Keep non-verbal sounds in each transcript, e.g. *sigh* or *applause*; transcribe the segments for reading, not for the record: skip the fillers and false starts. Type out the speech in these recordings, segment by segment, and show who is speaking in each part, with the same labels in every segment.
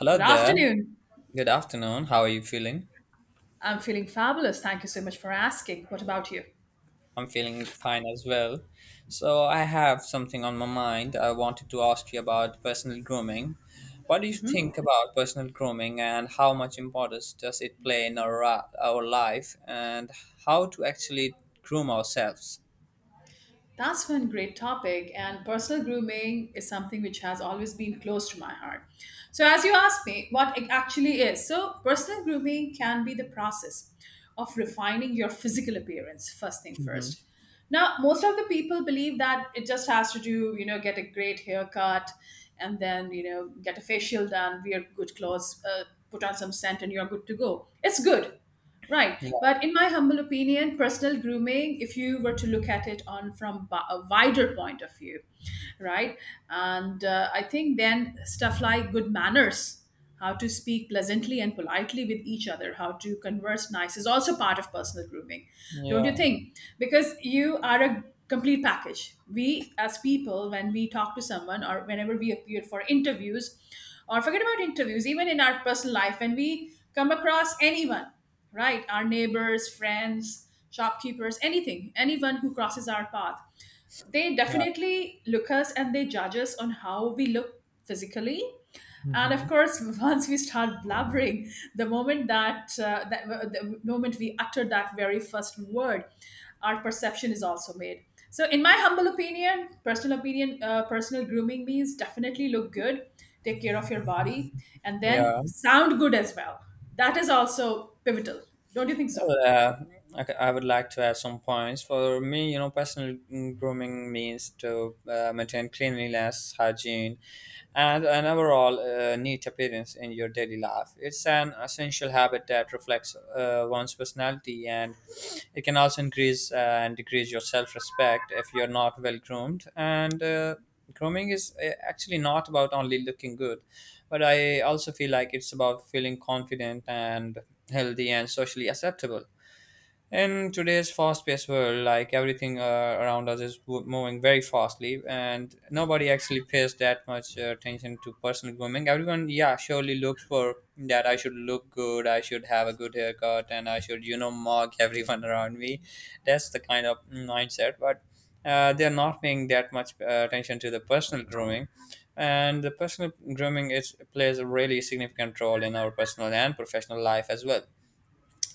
Speaker 1: Hello
Speaker 2: Good
Speaker 1: there.
Speaker 2: afternoon.
Speaker 1: Good afternoon. How are you feeling?
Speaker 2: I'm feeling fabulous. Thank you so much for asking. What about you?
Speaker 1: I'm feeling fine as well. So, I have something on my mind. I wanted to ask you about personal grooming. What do you think about personal grooming and how much importance does it play in our life and how to actually groom ourselves?
Speaker 2: That's one great topic, and personal grooming is something which has always been close to my heart. So, as you asked me what it actually is, so personal grooming can be the process of refining your physical appearance, first thing
Speaker 1: Hmm.
Speaker 2: first. Now, most of the people believe that it just has to do, you know, get a great haircut and then, you know, get a facial done, wear good clothes, put on some scent, and you're good to go. It's good. Right.
Speaker 1: Yeah.
Speaker 2: But in my humble opinion, personal grooming, if you were to look at it on from a wider point of view, right? And I think then stuff like good manners, how to speak pleasantly and politely with each other, how to converse nice is also part of personal grooming, don't you
Speaker 1: Yeah.
Speaker 2: think? Because you are a complete package. We, as people, when we talk to someone or whenever we appear for interviews, or forget about interviews, even in our personal life, when we come across anyone, right? Our neighbors, friends, shopkeepers, anything, anyone who crosses our path, they
Speaker 1: Yeah.
Speaker 2: definitely look us and they judge us on how we look physically, and of
Speaker 1: Hmm.
Speaker 2: course *laughs* once we start blabbering, the moment we utter that very first word, our perception is also made. So in my humble opinion, personal opinion, personal grooming means definitely look good, take care of your body, and then
Speaker 1: Yeah.
Speaker 2: sound good as well. That is also pivotal, don't you think
Speaker 1: Well,
Speaker 2: so?
Speaker 1: I would like to add some points. For me, personal grooming means to maintain cleanliness, hygiene, and an overall neat appearance in your daily life. It's an essential habit that reflects one's personality, and it can also increase and decrease your self-respect if you're not well groomed. And grooming is actually not about only looking good, but I also feel like it's about feeling confident and healthy, and socially acceptable. In today's fast paced world, like everything around us is moving very fastly, and nobody actually pays that much attention to personal grooming. Everyone, yeah, surely looks for that I should look good, I should have a good haircut, and I should, mock everyone *laughs* around me. That's the kind of mindset, but they're not paying that much attention to the personal grooming, and the personal grooming is plays a really significant role in our personal and professional life as well.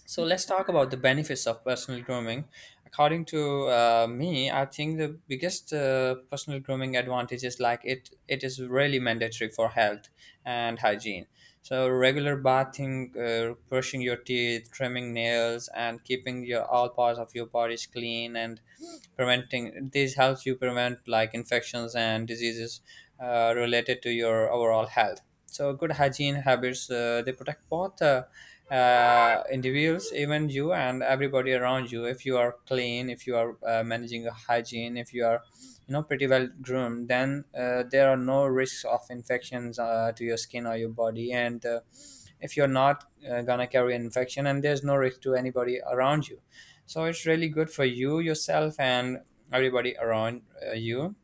Speaker 1: So let's talk about the benefits of personal grooming. According to me, I think the biggest personal grooming advantage is like it is really mandatory for health and hygiene. So regular bathing, brushing your teeth, trimming nails, and keeping your all parts of your bodies clean and preventing this helps you prevent like infections and diseases related to your overall health. So good hygiene habits they protect both. Individuals, even you and everybody around you. If you are clean, if you are managing your hygiene, if you are, pretty well groomed, then there are no risks of infections to your skin or your body. And if you're not gonna carry an infection, and there's no risk to anybody around you, so it's really good for you yourself and everybody around you.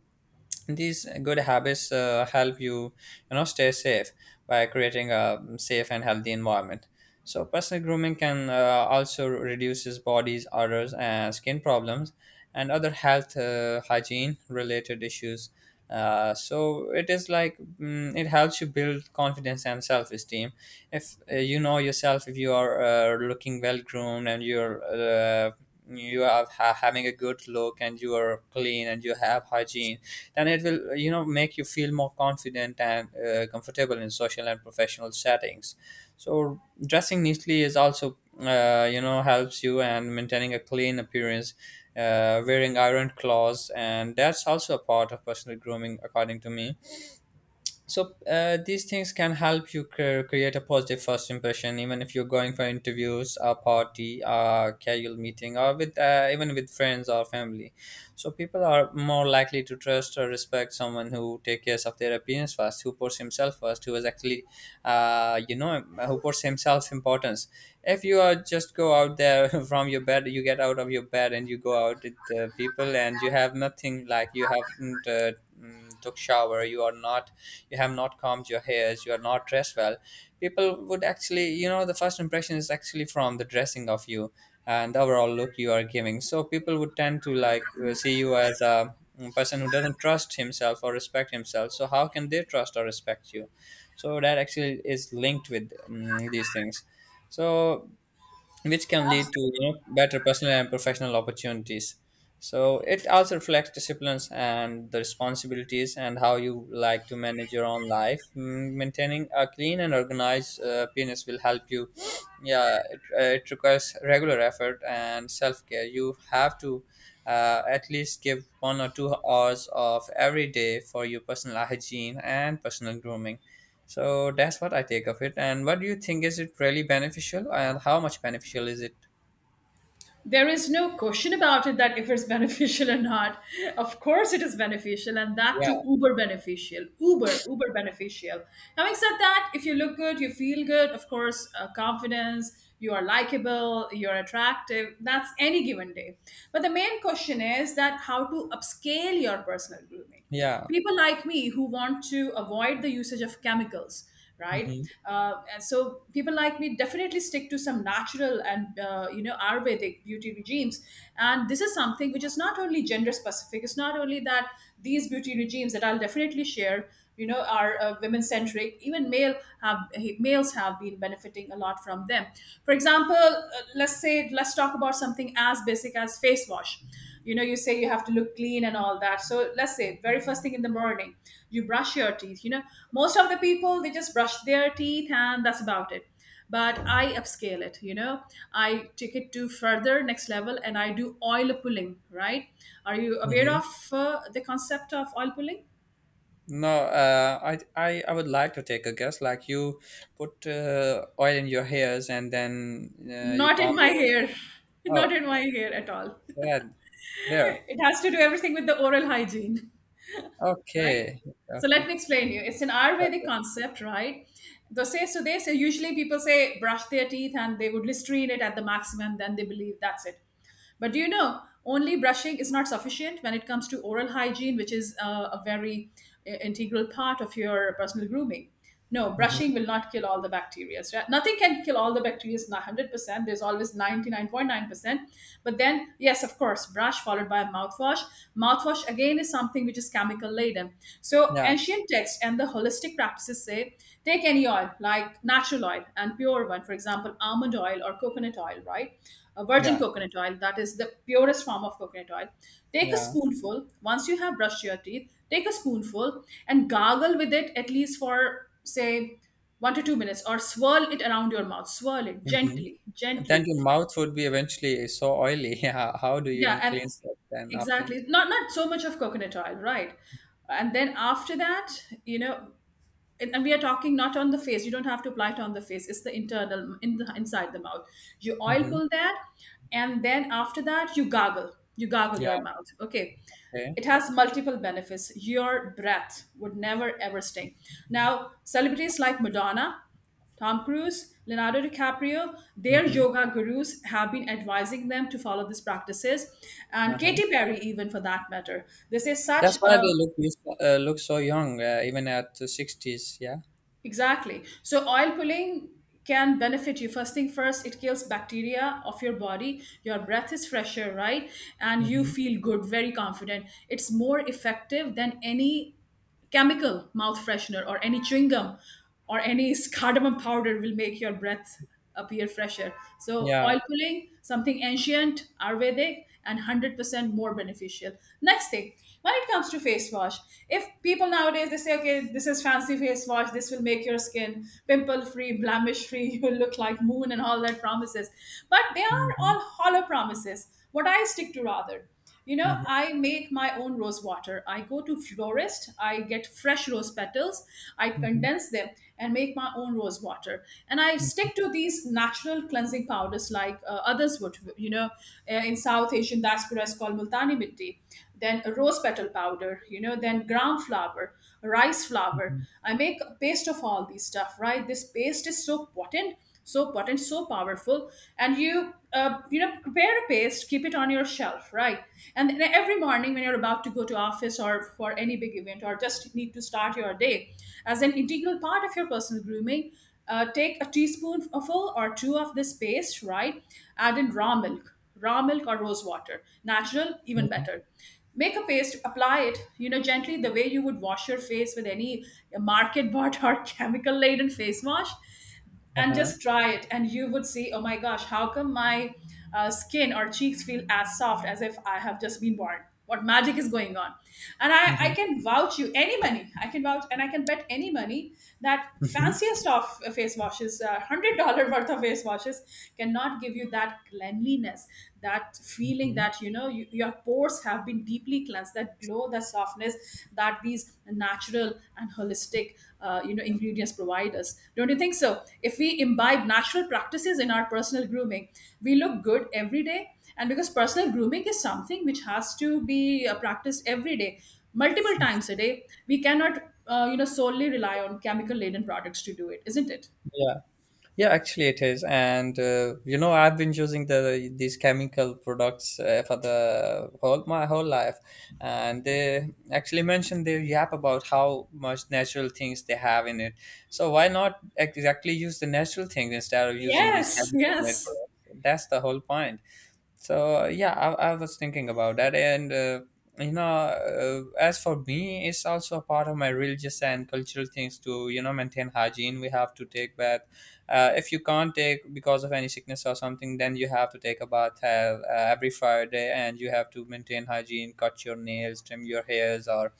Speaker 1: These good habits help you, stay safe by creating a safe and healthy environment. So personal grooming can also reduces body's odors and skin problems and other health hygiene related issues. So it is like it helps you build confidence and self-esteem if you know yourself, if you are looking well groomed and you are having a good look and you are clean and you have hygiene, then it will make you feel more confident and comfortable in social and professional settings. So dressing neatly is also helps you, and maintaining a clean appearance, wearing iron claws, and that's also a part of personal grooming according to me. So these things can help you create a positive first impression, even if you're going for interviews, a party, a casual meeting, or with even with friends or family. So people are more likely to trust or respect someone who take care of their appearance first, who puts himself first, who is actually who puts himself importance. If you are just go out there *laughs* from your bed, you get out of your bed and you go out with people and you have nothing, like you haven't took shower, you have not combed your hairs, you are not dressed well. People would actually the first impression is actually from the dressing of you and the overall look you are giving. So people would tend to like see you as a person who doesn't trust himself or respect himself, so how can they trust or respect you? So that actually is linked with these things, so which can lead to better personal and professional opportunities. So it also reflects disciplines and the responsibilities and how you like to manage your own life. Maintaining a clean and organized penis will help you. Yeah, it requires regular effort and self care. You have to at least give 1 or 2 hours of every day for your personal hygiene and personal grooming. So that's what I take of it. And what do you think? Is it really beneficial? And how much beneficial is it?
Speaker 2: There is no question about it that if it's *laughs* beneficial or not. Of course, it is beneficial, and that
Speaker 1: Yeah,
Speaker 2: too uber beneficial. Uber, uber beneficial. Having said that, if you look good, you feel good, of course, confidence, you are likable, you're attractive. That's any given day. But the main question is that how to upscale your personal grooming.
Speaker 1: yeah.
Speaker 2: People like me who want to avoid the usage of chemicals, right?
Speaker 1: Hmm.
Speaker 2: And so people like me definitely stick to some natural and you know, Ayurvedic beauty regimes. And this is something which is not only gender specific. It's not only that these beauty regimes that I'll definitely share. You know, are women centric. Even have males have been benefiting a lot from them. For example, let's say, let's talk about something as basic as face wash. You know, you say you have to look clean and all that, so let's say, very first thing in the morning, you brush your teeth, you know. Most of the people, they just brush their teeth and that's about it. But I upscale it, you know, I take it to further next level, and I do oil pulling, right? Are you aware
Speaker 1: Hmm.
Speaker 2: of the concept of oil pulling?
Speaker 1: No, I would like to take a guess. Like you put oil in your hairs and then you
Speaker 2: Not in
Speaker 1: comb
Speaker 2: my
Speaker 1: your.
Speaker 2: hair. *laughs* Not
Speaker 1: Oh,
Speaker 2: in my hair at all.
Speaker 1: yeah,
Speaker 2: *laughs*
Speaker 1: there.
Speaker 2: It has to do everything with the oral hygiene, right?
Speaker 1: Okay,
Speaker 2: So
Speaker 1: okay.
Speaker 2: let me explain you. It's an Ayurvedic
Speaker 1: Yeah.
Speaker 2: concept, right? They say, so they say usually people say brush their teeth and they would listerine it at the maximum, then they believe that's it. But do you know, only brushing is not sufficient when it comes to oral hygiene, which is a very integral part of your personal grooming. No,
Speaker 1: Mm-hmm.
Speaker 2: brushing will not kill all the bacteria, right? Nothing can kill all the bacteria, not 100%. There's always 99.9%. But then yes, of course, brush followed by a mouthwash. Mouthwash again is something which is chemical laden. So
Speaker 1: Yeah,
Speaker 2: ancient texts and the holistic practices say, take any oil like natural oil and pure one, for example, almond oil or coconut oil, right? A virgin
Speaker 1: yeah,
Speaker 2: coconut oil, that is the purest form of coconut oil. Take a
Speaker 1: yeah.
Speaker 2: spoonful once you have brushed your teeth, take a spoonful and gargle with it at least for say 1 to 2 minutes, or swirl it around your mouth, swirl it
Speaker 1: Hmm.
Speaker 2: gently,
Speaker 1: Then
Speaker 2: gently.
Speaker 1: your mouth would be eventually so oily. *laughs* Yeah, how do you
Speaker 2: Yeah,
Speaker 1: even
Speaker 2: and
Speaker 1: cleanse that then after?
Speaker 2: exactly, not not so much of coconut oil, right? And then after that, you know, and we are talking not on the face, you don't have to apply it on the face, it's the internal, in the inside the mouth, you oil
Speaker 1: Hmm.
Speaker 2: pull that. And then after that, you gargle, you gargle
Speaker 1: Yeah.
Speaker 2: your mouth, okay?
Speaker 1: Okay.
Speaker 2: It has multiple benefits. Your breath would never ever stink. Now, celebrities like Madonna, Tom Cruise, Leonardo DiCaprio, their
Speaker 1: Mm-hmm.
Speaker 2: yoga gurus have been advising them to follow these practices. And
Speaker 1: Uh-huh.
Speaker 2: Katy Perry, even for that matter. This is
Speaker 1: That's
Speaker 2: such
Speaker 1: why
Speaker 2: a...
Speaker 1: they look so young, even at the 60s. Yeah.
Speaker 2: Exactly. So oil pulling can benefit you. First thing first, it kills bacteria of your body. Your breath is fresher, right? And you
Speaker 1: Mm-hmm.
Speaker 2: feel good, very confident. It's more effective than any chemical mouth freshener or any chewing gum or any cardamom powder will make your breath appear fresher. So
Speaker 1: Yeah.
Speaker 2: oil pulling, something ancient, Ayurvedic, and 100% more beneficial. Next thing, when it comes to face wash, if people nowadays they say, okay, this is fancy face wash, this will make your skin pimple free, blemish free, *laughs* you will look like moon and all that promises. But they are
Speaker 1: Mm-hmm.
Speaker 2: all hollow promises. What I stick to rather, you know,
Speaker 1: Hmm.
Speaker 2: I make my own rose water. I go to florist, I get fresh rose petals, I
Speaker 1: Mm-hmm.
Speaker 2: condense them, and make my own rose water. And I stick to these natural cleansing powders like, others would, you know, in South Asian diaspora, it's called multani mitti, then a rose petal powder, you know, then ground flower, rice
Speaker 1: Mm
Speaker 2: flour.
Speaker 1: hmm.
Speaker 2: I make a paste of all these stuff, right? This paste is so potent, so potent, so powerful. And you, you know, prepare a paste, keep it on your shelf, right? And then every morning when you're about to go to office or for any big event or just need to start your day, as an integral part of your personal grooming, take a teaspoonful or two of this paste, right? Add in raw milk or rose water. Natural, even better. Make a paste, apply it, you know, gently the way you would wash your face with any market bought or *laughs* chemical laden face wash, and
Speaker 1: Uh-huh.
Speaker 2: just try it and you would see, oh my gosh, how come my skin or cheeks feel as soft as if I have just been born? What magic is going on? And I
Speaker 1: Mm-hmm.
Speaker 2: can vouch you any money, I can vouch and I can bet any money that fanciest of face washes, $100 worth of face washes cannot give you that cleanliness, that feeling
Speaker 1: Mm-hmm.
Speaker 2: that, you know, you, your pores have been deeply cleansed, that glow, that softness that these natural and holistic you know, ingredients provide us. Don't you think so, if we imbibe natural practices in our personal grooming, we look good every day? And because personal grooming is something which has to be practiced every day, multiple times a day, we cannot you know, solely rely on chemical laden products to do it, isn't it?
Speaker 1: Yeah, yeah. Actually, it is, and I've been using these chemical products for the whole my whole life, and they actually mentioned their yap about how much natural things they have in it. So why not exactly use the natural things instead of using these
Speaker 2: Yes,
Speaker 1: chemical made
Speaker 2: yes.
Speaker 1: products? That's the whole point. So yeah, I was thinking about that, and as for me it's also a part of my religious and cultural things to maintain hygiene. We have to take bath. Uh, if you can't take because of any sickness or something, then you have to take a bath every Friday, and you have to maintain hygiene, cut your nails, trim your hairs, or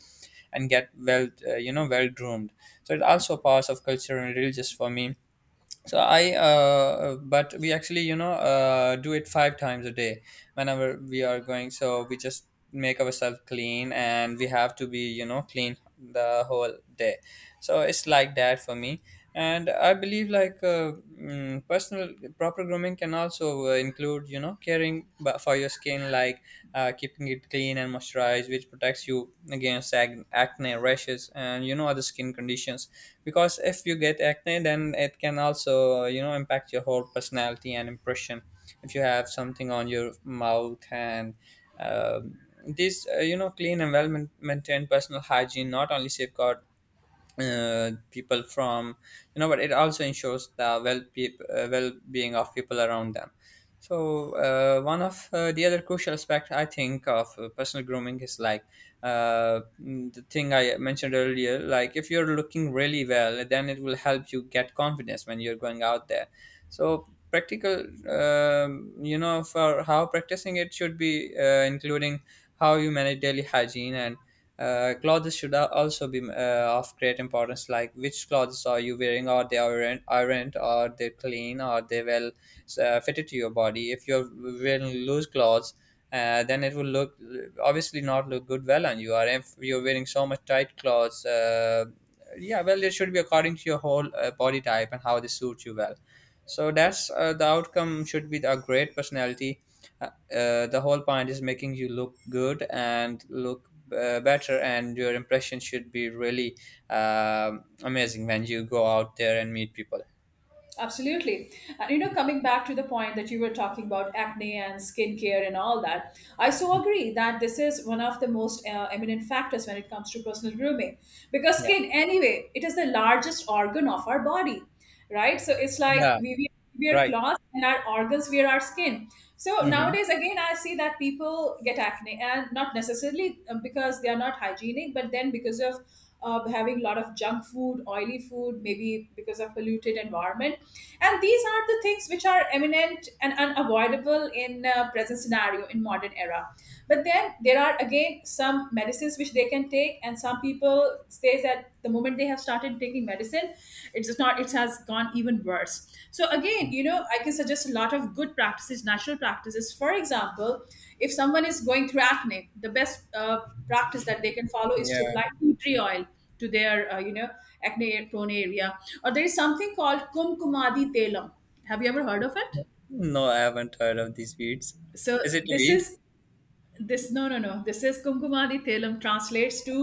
Speaker 1: and get well well groomed. So it also parts of culture and religious for me. So I but we actually do it 5 times a day whenever we are going. So we just make ourselves clean and we have to be clean the whole day. So it's like that for me. And I believe like personal proper grooming can also include caring for your skin, like keeping it clean and moisturized, which protects you against acne, rashes, and other skin conditions. Because if you get acne then it can also impact your whole personality and impression if you have something on your mouth. And um, this clean and well maintained personal hygiene not only safeguard people from but it also ensures the well-being of people around them. So one of the other crucial aspect I think of personal grooming is like the thing I mentioned earlier, like if you're looking really well, then it will help you get confidence when you're going out there. So practical for how practicing it should be including how you manage daily hygiene, and clothes should also be of great importance, like which clothes are you wearing? Are they ironed? Are they clean? Are they well fitted to your body? If you're wearing loose clothes, then it will look obviously not look good well on you. Or if you're wearing so much tight clothes, yeah, well, it should be according to your whole body type and how they suit you well. So that's the outcome should be a great personality. Uh, the whole point is making you look good and look better, and your impression should be really amazing when you go out there and meet people.
Speaker 2: Absolutely. And you know, coming back to the point that you were talking about acne and skincare and all that, I so agree that this is one of the most eminent factors when it comes to personal grooming. Because
Speaker 1: Yeah,
Speaker 2: skin, anyway, it is the largest organ of our body, right? So it's
Speaker 1: yeah.
Speaker 2: like we wear
Speaker 1: Right.
Speaker 2: cloths and our organs wear our skin. So
Speaker 1: Hmm.
Speaker 2: nowadays, again, I see that people get acne, and not necessarily because they are not hygienic, but then because of having a lot of junk food, oily food, maybe because of polluted environment, and these are the things which are eminent and unavoidable in present scenario in modern era. But then there are again some medicines which they can take, and some people say that the moment they have started taking medicine, it's just not, it has gone even worse. So again, you know, I can suggest a lot of good practices, natural practices. For example, if someone is going through acne, the best practice that they can follow is to
Speaker 1: Yeah.
Speaker 2: apply tea tree oil to their you know, acne prone area. Or there is something called kumkumadi telam, have you ever heard of it?
Speaker 1: No, I haven't heard of these weeds.
Speaker 2: So
Speaker 1: Is it a
Speaker 2: this
Speaker 1: weed?
Speaker 2: is this no, no, no, this is kumkumadi thalam, translates to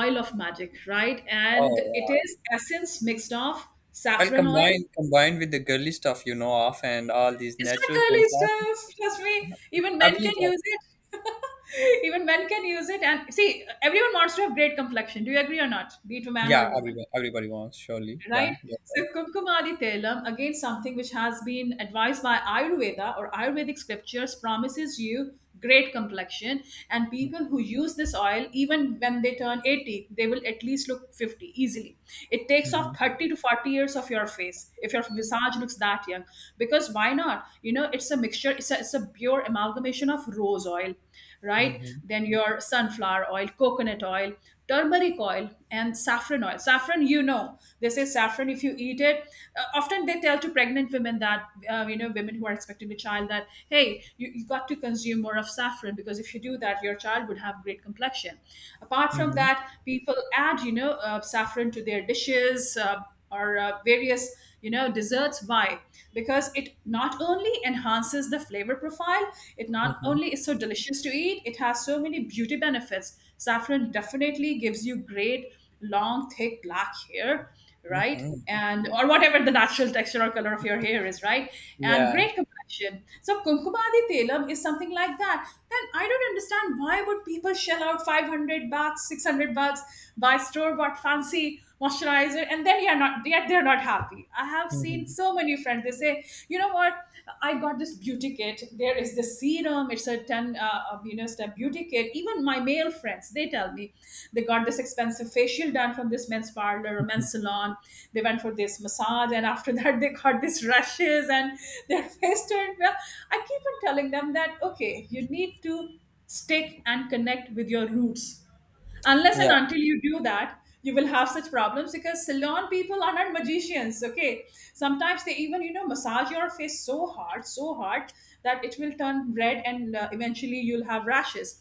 Speaker 2: oil of magic, right? And
Speaker 1: Oh,
Speaker 2: it
Speaker 1: yeah.
Speaker 2: is essence mixed of
Speaker 1: Well,
Speaker 2: saffron oil.
Speaker 1: combined with the girly stuff of and all these
Speaker 2: It's not
Speaker 1: natural things.
Speaker 2: girly stuff, trust me, even
Speaker 1: I
Speaker 2: men
Speaker 1: believe
Speaker 2: can
Speaker 1: like,
Speaker 2: use it. *laughs* Even men can use it, and see, everyone wants to have great complexion, do you agree or not, be it a man or
Speaker 1: yeah,
Speaker 2: a woman,
Speaker 1: everybody wants, surely. Yeah,
Speaker 2: right?
Speaker 1: that's right.
Speaker 2: So Kumkumadi Telam, again, something which has been advised by Ayurveda or Ayurvedic scriptures promises you great complexion. And people who use this oil, even when they turn 80, they will at least look 50 easily. It takes
Speaker 1: Mm-hmm.
Speaker 2: off 30 to 40 years of your face if your visage looks that young. Because why not? You know, it's a mixture. It's a pure amalgamation of rose oil, right?
Speaker 1: Mm-hmm.
Speaker 2: Then your sunflower oil, coconut oil, turmeric oil, and saffron oil. Saffron, you know, they say saffron, if you eat it, often they tell to pregnant women that, you know, women who are expecting a child that, hey, you got to consume more of saffron because if you do that, your child would have great complexion. Apart from
Speaker 1: Mm-hmm.
Speaker 2: that, people add, you know, saffron to their dishes. Or various desserts. Why? Because it not only enhances the flavor profile, it not
Speaker 1: Mm-hmm.
Speaker 2: only is so delicious to eat, it has so many beauty benefits. Saffron definitely gives you great long thick black hair, right?
Speaker 1: Mm-hmm.
Speaker 2: And or whatever the natural texture or color of your hair is, right? And
Speaker 1: Yeah.
Speaker 2: great fashion. So Kumkumadi Telam is something like that. Then I don't understand why would people shell out $500, $600, buy store-bought fancy moisturizer, and then you're not, yet they're not happy. I have seen
Speaker 1: Mm-hmm.
Speaker 2: so many friends, they say, you know what, I got this beauty kit. There is this serum. It's a 10 done, step beauty kit. Even my male friends, they tell me they got this expensive facial done from this men's parlor or men's salon. They went for this massage, and after *laughs* that, they got these rashes and their *laughs* face turned. Well, I keep on telling them that okay, you need to stick and connect with your roots. Unless
Speaker 1: Yeah.
Speaker 2: and until you do that, you will have such problems because salon people are not magicians. Okay, sometimes they even massage your face so hard that it will turn red and eventually you'll have rashes.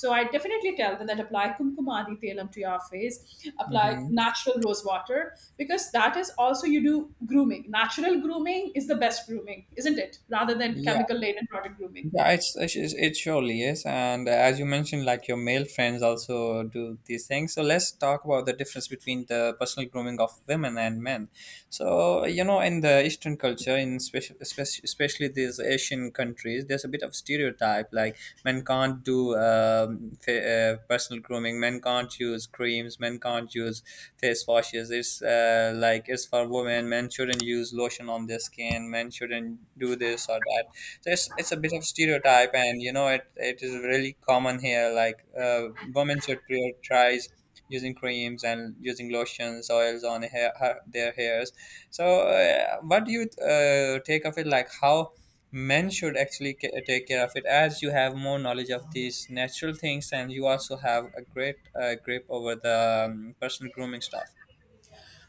Speaker 2: So I definitely tell them that apply Kumkumadi Telam to your face, apply
Speaker 1: Mm-hmm.
Speaker 2: natural rose water, because that is also, you do grooming. Natural grooming is the best grooming, isn't it, rather than
Speaker 1: Yeah.
Speaker 2: chemical laden product grooming.
Speaker 1: Yeah, it surely is, and as you mentioned, like your male friends also do these things. So let's talk about the difference between the personal grooming of women and men. So in the Eastern culture, in especially these Asian countries, there's a bit of stereotype like men can't do personal grooming, men can't use creams, men can't use face washes. It's like it's for women. Men shouldn't use lotion on their skin. Men shouldn't do this or that, so it's a bit of stereotype, and you know it is really common here. Like, women should prioritize using creams and using lotions, oils on hair, their hairs. So what do you take of it? Like, how men should actually take care of it, as you have more knowledge of these natural things and you also have a great grip over the personal grooming stuff.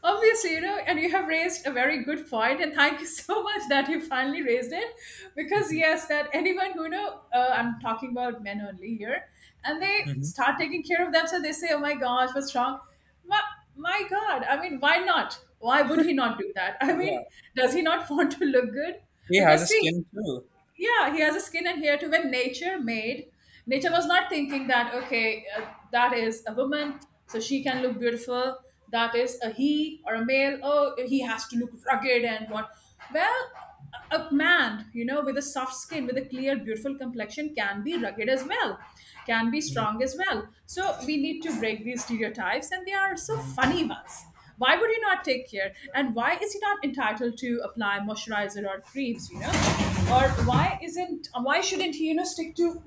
Speaker 2: Obviously, and you have raised a very good point, and thank you *laughs* so much that you finally raised it. Because
Speaker 1: Hmm.
Speaker 2: yes, that anyone who I'm talking about men only here, and they
Speaker 1: Hmm.
Speaker 2: start taking care of themselves, they say, oh my gosh, what's wrong? My, my god, I mean, why not? Why would he not do that? *laughs* I
Speaker 1: Yeah,
Speaker 2: mean, does he not *laughs* want to look good?
Speaker 1: he has
Speaker 2: Because
Speaker 1: a
Speaker 2: see,
Speaker 1: skin too.
Speaker 2: yeah, he has a skin and hair too. When nature made, nature was not thinking that okay, that is a woman so she can look beautiful, that is a he or a male, oh he has to look rugged and what? Well, a man, you know, with a soft skin, with a clear beautiful complexion, can be rugged as well, can be strong as well. So we need to break these stereotypes, and they are so
Speaker 1: Mhm.
Speaker 2: funny ones. Why would he not take care? And why is he not entitled to apply moisturizer or creams? You know, or why isn't? Why shouldn't he? You know, stick to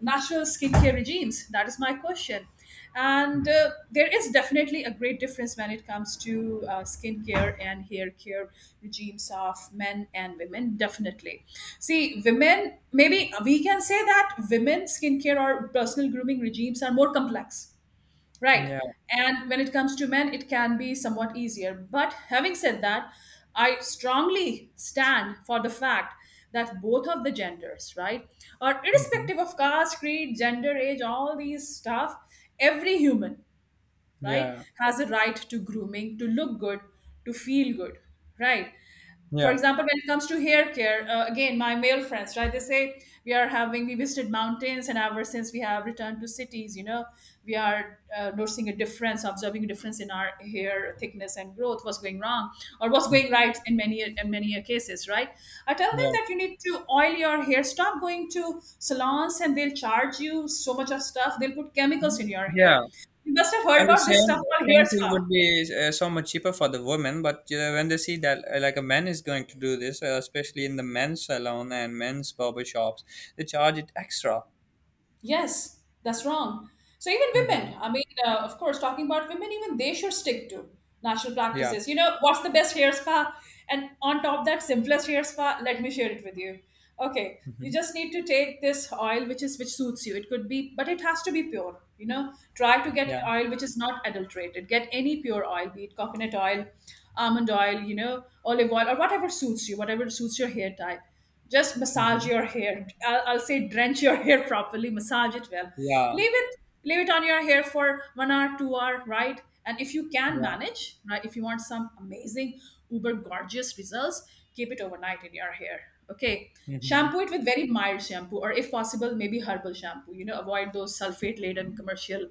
Speaker 2: natural skincare regimes? That is my question. And there is definitely a great difference when it comes to skincare and hair care regimes of men and women. Definitely. See, women, maybe we can say that women skincare or personal grooming regimes are more complex. Right.
Speaker 1: Yeah.
Speaker 2: And when it comes to men, it can be somewhat easier. But having said that, I strongly stand for the fact that both of the genders, right, or
Speaker 1: Hmm.
Speaker 2: irrespective of caste, creed, gender, age, all these stuff, every human, right,
Speaker 1: Yeah.
Speaker 2: has a right to grooming, to look good, to feel good, right? For
Speaker 1: Yeah.
Speaker 2: example, when it comes to hair care, again, my male friends, right, they say we are having we visited mountains, and ever since we have returned to cities, we are noticing a difference, observing a difference in our hair thickness and growth. What's going wrong or what's
Speaker 1: Mm.
Speaker 2: going right in many cases, right? I tell them
Speaker 1: Yeah,
Speaker 2: that you need to oil your hair, stop going to salons, and they'll charge you so much of stuff, they'll put chemicals in your
Speaker 1: yeah,
Speaker 2: hair. You must have heard
Speaker 1: and the
Speaker 2: about this
Speaker 1: same
Speaker 2: stuff called hair
Speaker 1: same thing
Speaker 2: spa.
Speaker 1: would be so much cheaper for the women. But when they see that, like a man is going to do this, especially in the men's salon and men's barber shops, they charge it extra.
Speaker 2: Yes, that's wrong. So even
Speaker 1: Mm-hmm.
Speaker 2: women, I mean, of course, talking about women, even they should stick to natural
Speaker 1: Yeah.
Speaker 2: practices. You know, what's the best hair spa? And on top of that, simplest hair spa. Let me share it with you. Okay,
Speaker 1: Hmm.
Speaker 2: you just need to take this oil which suits you. It could be, but it has to be pure. You know, try to get
Speaker 1: Yeah.
Speaker 2: oil which is not adulterated. Get any pure oil, be it coconut oil, almond oil, you know, olive oil, or whatever suits you, whatever suits your hair type. Just massage
Speaker 1: Hmm.
Speaker 2: your hair. I'll say drench your *laughs* hair properly, massage it well.
Speaker 1: Yeah.
Speaker 2: Leave it, leave it on your hair for 1 hour, 2 hour, right? And if you can
Speaker 1: Yeah.
Speaker 2: manage, right, if you want some amazing, uber gorgeous results, keep it overnight in your hair. Okay.
Speaker 1: Hmm.
Speaker 2: Shampoo it with very mild shampoo, or if possible, maybe herbal shampoo. You know, avoid those sulfate laden commercial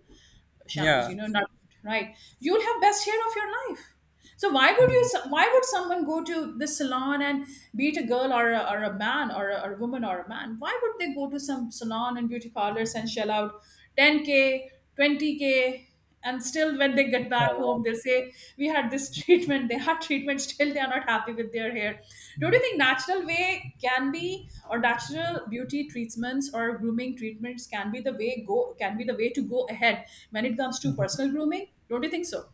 Speaker 2: shampoos,
Speaker 1: Yeah.
Speaker 2: not, right? You'll have best hair of your life. So
Speaker 1: Hmm.
Speaker 2: why would someone go to the salon and be it a girl or a man or a woman or a man, why would they go to some salon and beauty parlors and shell out 10k 20k and still when they get back home they'll say we had this *laughs* treatment, they had treatment, still they are not happy with their hair. Don't you think natural way can be, or natural beauty treatments or grooming treatments can be the way to go ahead when it comes to personal grooming? Don't you think so?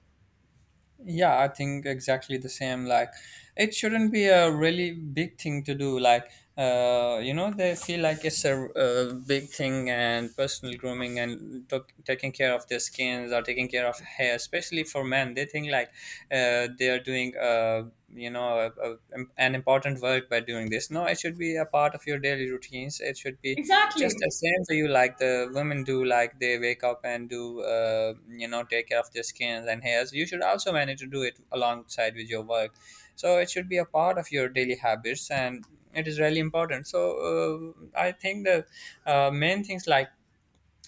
Speaker 1: Yeah, I think exactly the same. Like, it shouldn't be a really big thing to do. Like, you know, they feel like it's a, uh, big thing, and personal grooming and took taking care of their skins or taking care of hair, especially for men. They think like they are doing, you know, an important work by doing this. No, it should be a part of your daily routines. It should be just the
Speaker 2: Exactly.
Speaker 1: same for you, like the women do, like they wake up and do, you know, take care of their skins and hairs. You should also manage to do it alongside with your work. So it should be a part of your daily habits, and it is really important. So I think the main things, like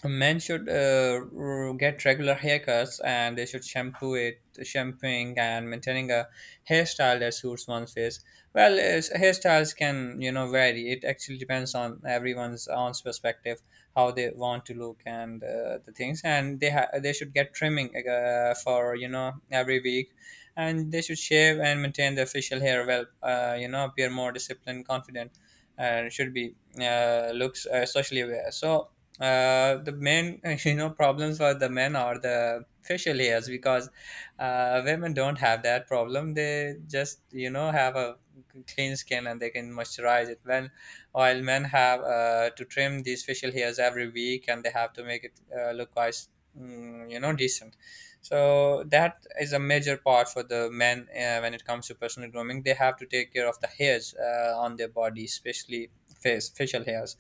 Speaker 1: men should get regular haircuts, and they should shampooing and maintaining a hairstyle that suits one's face well. Hairstyles can, you know, vary. It actually depends on everyone's own perspective, how they want to look, and the things, and they should get trimming, for, you know, every week. And they should shave and maintain their facial hair well, you know, appear more disciplined, confident, and should be, looks, socially aware. So the main *laughs* you know problems for the men are the facial hairs, because women don't have that problem. They just, you know, have a clean skin and they can moisturize it, when while men have, to trim these facial hairs every week, and they have to make it, look quite you know, decent. So that is a major part for the men, when it comes to personal grooming. They have to take care of the hairs, on their body, especially face facial hairs.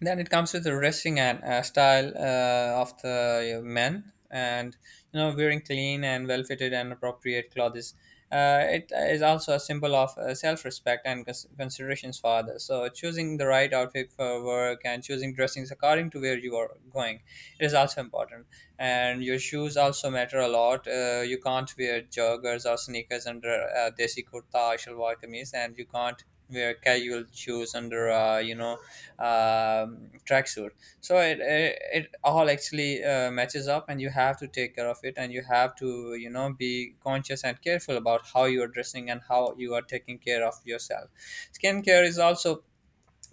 Speaker 1: Then it comes with the dressing and, style, of the, men, and you know, wearing clean and well fitted and appropriate clothes. Uh, it is also a symbol of, self-respect and considerations for others. So choosing the right outfit for work and choosing dressings according to where you are going, it is also important. And your shoes also matter a lot. Uh, you can't wear joggers or sneakers under, desi kurta or shalwar kameez, and you can't wear casual shoes under, you know, tracksuit. So it it all actually, matches up, and you have to take care of it, and you have to, you know, be conscious and careful about how you are dressing and how you are taking care of yourself. Skincare is also,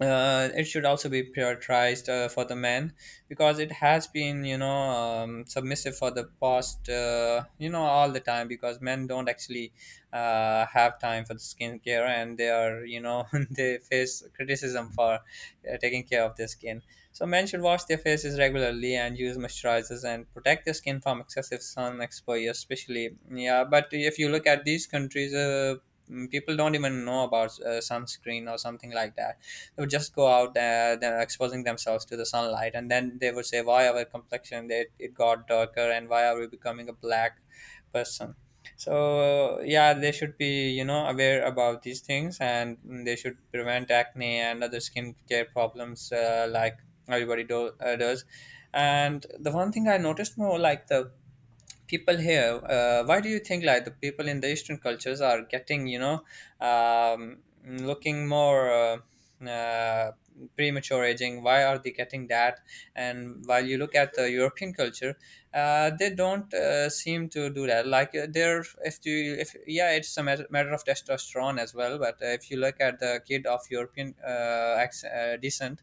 Speaker 1: it should also be prioritized, for the men, because it has been, you know, submissive for the past, you know, all the time, because men don't actually, have time for the skincare, and they are, you know, *laughs* they face criticism for, taking care of their skin. So men should wash their faces regularly and use moisturizers and protect their skin from excessive sun exposure, especially. Yeah, but if you look at these countries, mm, people don't even know about, sunscreen or something like that. They would just go out, they're exposing themselves to the sunlight, and then they would say, why our complexion, it got darker and why are we becoming a black person. So yeah, they should be, you know, aware about these things, and they should prevent acne and other skincare problems, like everybody does. And the one thing I noticed more, like the people here, why do you think like the people in the Eastern cultures are getting, you know, looking more, uh, premature aging? Why are they getting that? And while you look at the European culture, they don't, seem to do that. Like, they're, if you if, yeah, it's a matter of testosterone as well, but if you look at the kid of European, descent,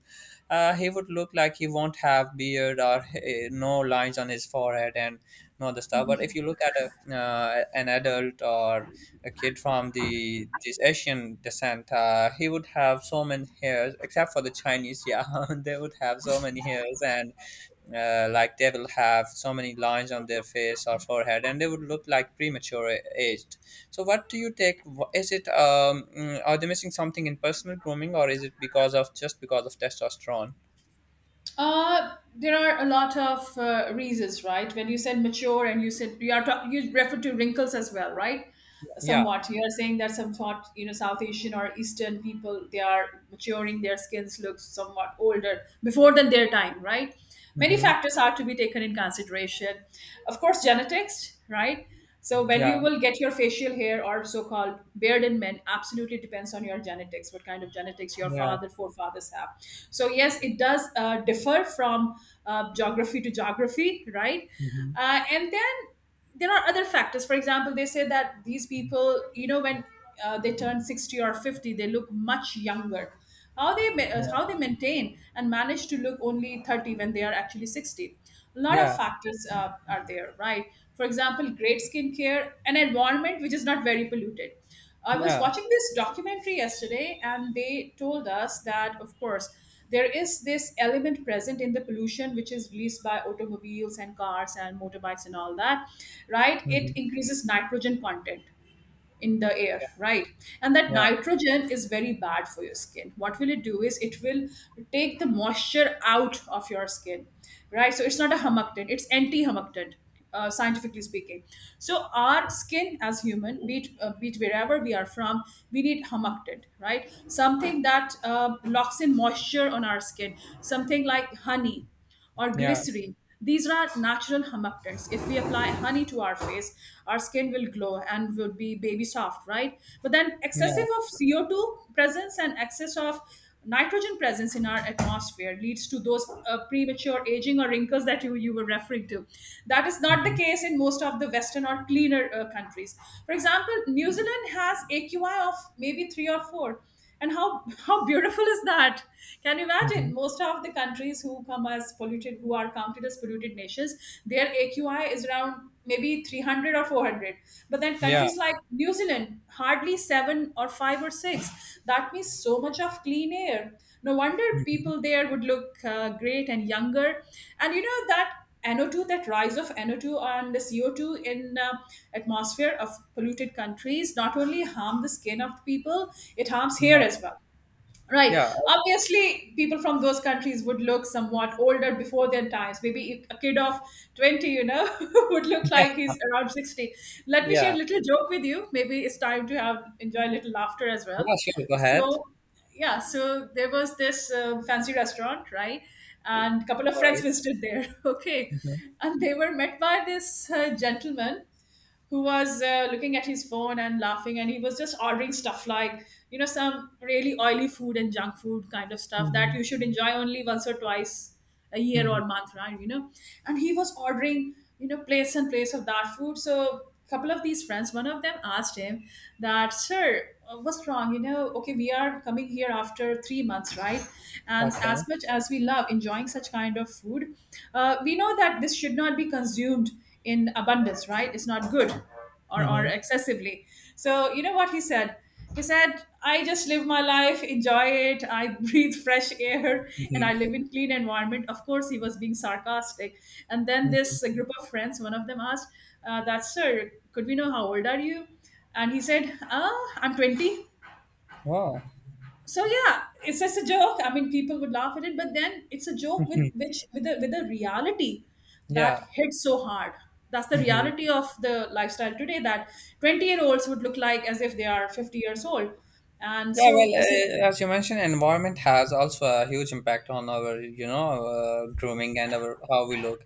Speaker 1: he would look like, he won't have beard, or no lines on his forehead, and not the star. But if you look at a, an adult or a kid from the this Asian descent, he would have so many hairs, except for the Chinese, yeah, *laughs* they would have so many hairs, and like they will have so many lines on their face or forehead, and they would look like premature aged. So what do you take, is it um, mm, are they missing something in personal grooming, or is it because of, just because of testosterone?
Speaker 2: There are a lot of reasons, right? When you said mature and you said you refer to wrinkles as well, right?
Speaker 1: Yeah.
Speaker 2: Somewhat, you are saying that somewhat, South Asian or Eastern people, they are maturing, their skins look somewhat older before than their time, right? Many
Speaker 1: Mm-hmm.
Speaker 2: factors are to be taken in consideration. Of course, genetics, right? So when
Speaker 1: Yeah.
Speaker 2: you will get your facial hair or so-called beard in men, absolutely depends on your genetics, what kind of genetics your
Speaker 1: Yeah.
Speaker 2: father, forefathers have. So yes, it does differ from geography to geography, right?
Speaker 1: Mm-hmm.
Speaker 2: And then there are other factors. For example, they say that these people, when they turn 60 or 50, they look much younger. How they ma- uh,
Speaker 1: Yeah.
Speaker 2: how they maintain and manage to look only 30 when they are actually 60. A lot of
Speaker 1: Yeah.
Speaker 2: factors are there, right? For example, great skincare, an environment which is not very polluted. I was
Speaker 1: Yeah.
Speaker 2: watching this documentary yesterday, and they told us that, of course, there is this element present in the pollution which is released by automobiles and cars and motorbikes and all that, right?
Speaker 1: Mm-hmm.
Speaker 2: It increases nitrogen content in the air,
Speaker 1: Yeah,
Speaker 2: right? And that
Speaker 1: yeah,
Speaker 2: nitrogen is very bad for your skin. What will it do is, it will take the moisture out of your skin, right? So it's not a humectant, it's anti humectant, scientifically speaking. So our skin as human, be it wherever we are from, we need humectant, right? Something that locks in moisture on our skin, something like honey or glycerin. These are natural humectants. If we apply honey to our face, our skin will glow and will be baby soft, right? But then excessive
Speaker 1: yeah.
Speaker 2: of CO2 presence and excess of nitrogen presence in our atmosphere leads to those premature aging or wrinkles that you were referring to. That is not the
Speaker 1: Mhm.
Speaker 2: case in most of the Western or cleaner countries. For example, New Zealand has AQI of maybe three or four. And how beautiful is that? Can you imagine?
Speaker 1: Mhm.
Speaker 2: Most of the countries who come as polluted, who are counted as polluted nations, their AQI is around maybe 300 or 400. But then
Speaker 1: Yeah.
Speaker 2: countries like New Zealand, hardly seven or five or six. That means so much of clean air. No wonder
Speaker 1: Mhm.
Speaker 2: people there would look great and younger. And you know that NO2, that rise of NO2 and the CO2 in atmosphere of polluted countries not only harm the skin of the people, it harms hair
Speaker 1: Yeah.
Speaker 2: as well. Right.
Speaker 1: Yeah,
Speaker 2: Obviously, people from those countries would look somewhat older before their times. Maybe a kid of 20, *laughs* would look
Speaker 1: yeah,
Speaker 2: like he's around 60. Let me share
Speaker 1: yeah,
Speaker 2: a little joke with you. Maybe it's time to have enjoy a little laughter as
Speaker 1: yeah.
Speaker 2: well.
Speaker 1: Sure, go ahead.
Speaker 2: So, yeah, so there was this fancy restaurant, right? And a couple of
Speaker 1: All
Speaker 2: friends
Speaker 1: right.
Speaker 2: visited there. *laughs* Okay.
Speaker 1: Mhm.
Speaker 2: And they were met by this gentleman who was looking at his phone and laughing, and he was just ordering stuff like some really oily food and junk food kind of stuff that
Speaker 1: Mhm.
Speaker 2: you should enjoy only once or twice a year or
Speaker 1: Mhm.
Speaker 2: month, right, and he was ordering plates and plates of that food. So a couple of these friends, one of them asked him that sir, what's wrong? Okay, we are coming here after 3 months, right? And as
Speaker 1: Okay.
Speaker 2: much as we love enjoying such kind of food, we know that this should not be consumed in abundance, right? It's not good or
Speaker 1: Mhm.
Speaker 2: excessively. So, you know what he said? He said, I just live my life, enjoy it. I *laughs* breathe fresh air and
Speaker 1: Mhm.
Speaker 2: I live in clean environment. Of course, he was being sarcastic. And then
Speaker 1: Mhm.
Speaker 2: this group of friends, one of them asked, that, sir, could we know how old are you? And he said, ah, I'm 20.
Speaker 1: Wow.
Speaker 2: So yeah, it's just a joke. I mean, people would laugh at it, but then it's a joke with a reality that
Speaker 1: Yeah.
Speaker 2: hits so hard. That's the
Speaker 1: Mhm.
Speaker 2: reality of the lifestyle today that 20-year-olds would look like as if they are 50 years old. And
Speaker 1: Yeah,
Speaker 2: so
Speaker 1: well,
Speaker 2: this is...
Speaker 1: as you mentioned, environment has also a huge impact on our, you know, grooming and our how we look.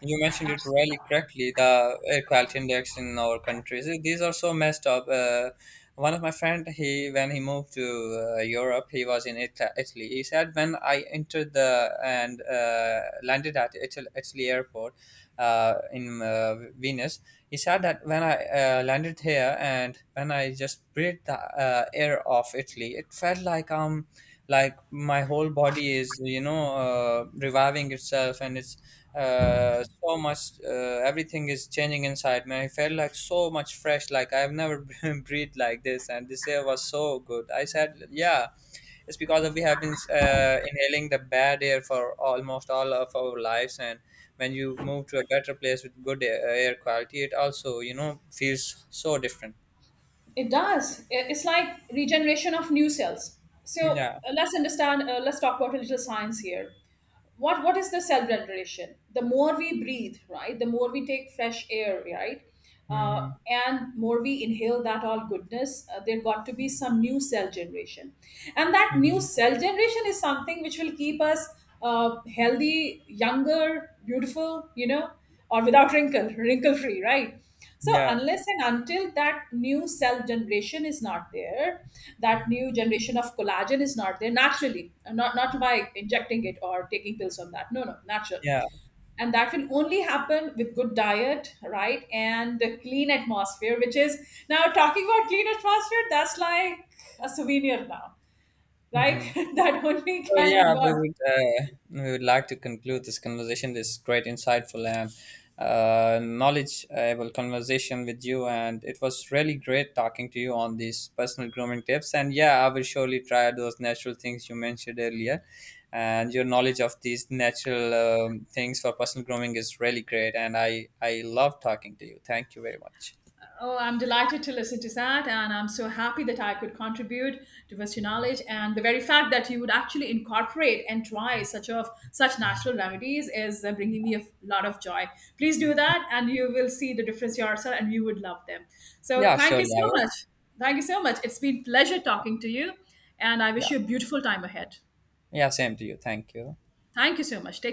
Speaker 1: You mentioned it really correctly. The air quality index in our countries, eh, these are so messed up. One of my friend, he when he moved to, Europe, he was in Italy. He said, when I entered the, and landed at Italy airport, in, Venice, he said that when I, landed here, and when I just breathed the, air of Italy, it felt like, um, like my whole body is, you know, reviving itself, and it's, so much, everything is changing inside me. I felt like so much fresh, like I've never *laughs* been breathed like this, and this air was so good. I said, yeah, it's because we have been, inhaling the bad air for almost all of our lives, and when you move to a better place with good air quality, it also, you know, feels so different.
Speaker 2: It does. It's like regeneration of new cells. So
Speaker 1: Yeah.
Speaker 2: let's understand. Let's talk about a little science here. What is the cell regeneration? The more we breathe, right? The more we take fresh air, right? Uh,
Speaker 1: Mm-hmm.
Speaker 2: and more we inhale that all goodness, there got to be some new cell generation, and that new
Speaker 1: Mm-hmm.
Speaker 2: cell generation is something which will keep us healthy, younger, beautiful, or without wrinkle, wrinkle free, right? So
Speaker 1: Yeah.
Speaker 2: unless and until that new cell generation is not there, that new generation of collagen is not there naturally, not by injecting it or taking pills on that. No, no, natural.
Speaker 1: Yeah.
Speaker 2: And that will only happen with good diet, right? And the clean atmosphere, which is now talking about clean atmosphere, that's like a souvenir now.
Speaker 1: Mm-hmm.
Speaker 2: Like *laughs* that only
Speaker 1: So
Speaker 2: can be
Speaker 1: yeah, we
Speaker 2: bought.
Speaker 1: would, we would like to conclude this conversation, this great, insightful, and knowledgeable conversation with you. And it was really great talking to you on these personal grooming tips. And yeah, I will surely try those natural things you mentioned earlier. And your knowledge of these natural, things for personal grooming is really great. And I love talking to you. Thank you very much.
Speaker 2: Oh, I'm delighted to listen to that, and I'm so happy that I could contribute to your knowledge. And the very fact that you would actually incorporate and try such of such natural remedies is bringing me a lot of joy. Please do that, and you will see the difference yourself, and you would love them. So,
Speaker 1: Yeah,
Speaker 2: thank you
Speaker 1: surely I
Speaker 2: so
Speaker 1: will.
Speaker 2: much. Thank you so much. It's been pleasure talking to you, and I wish
Speaker 1: Yeah,
Speaker 2: you a beautiful time ahead.
Speaker 1: yeah, same to you. Thank you.
Speaker 2: Thank you so much. Take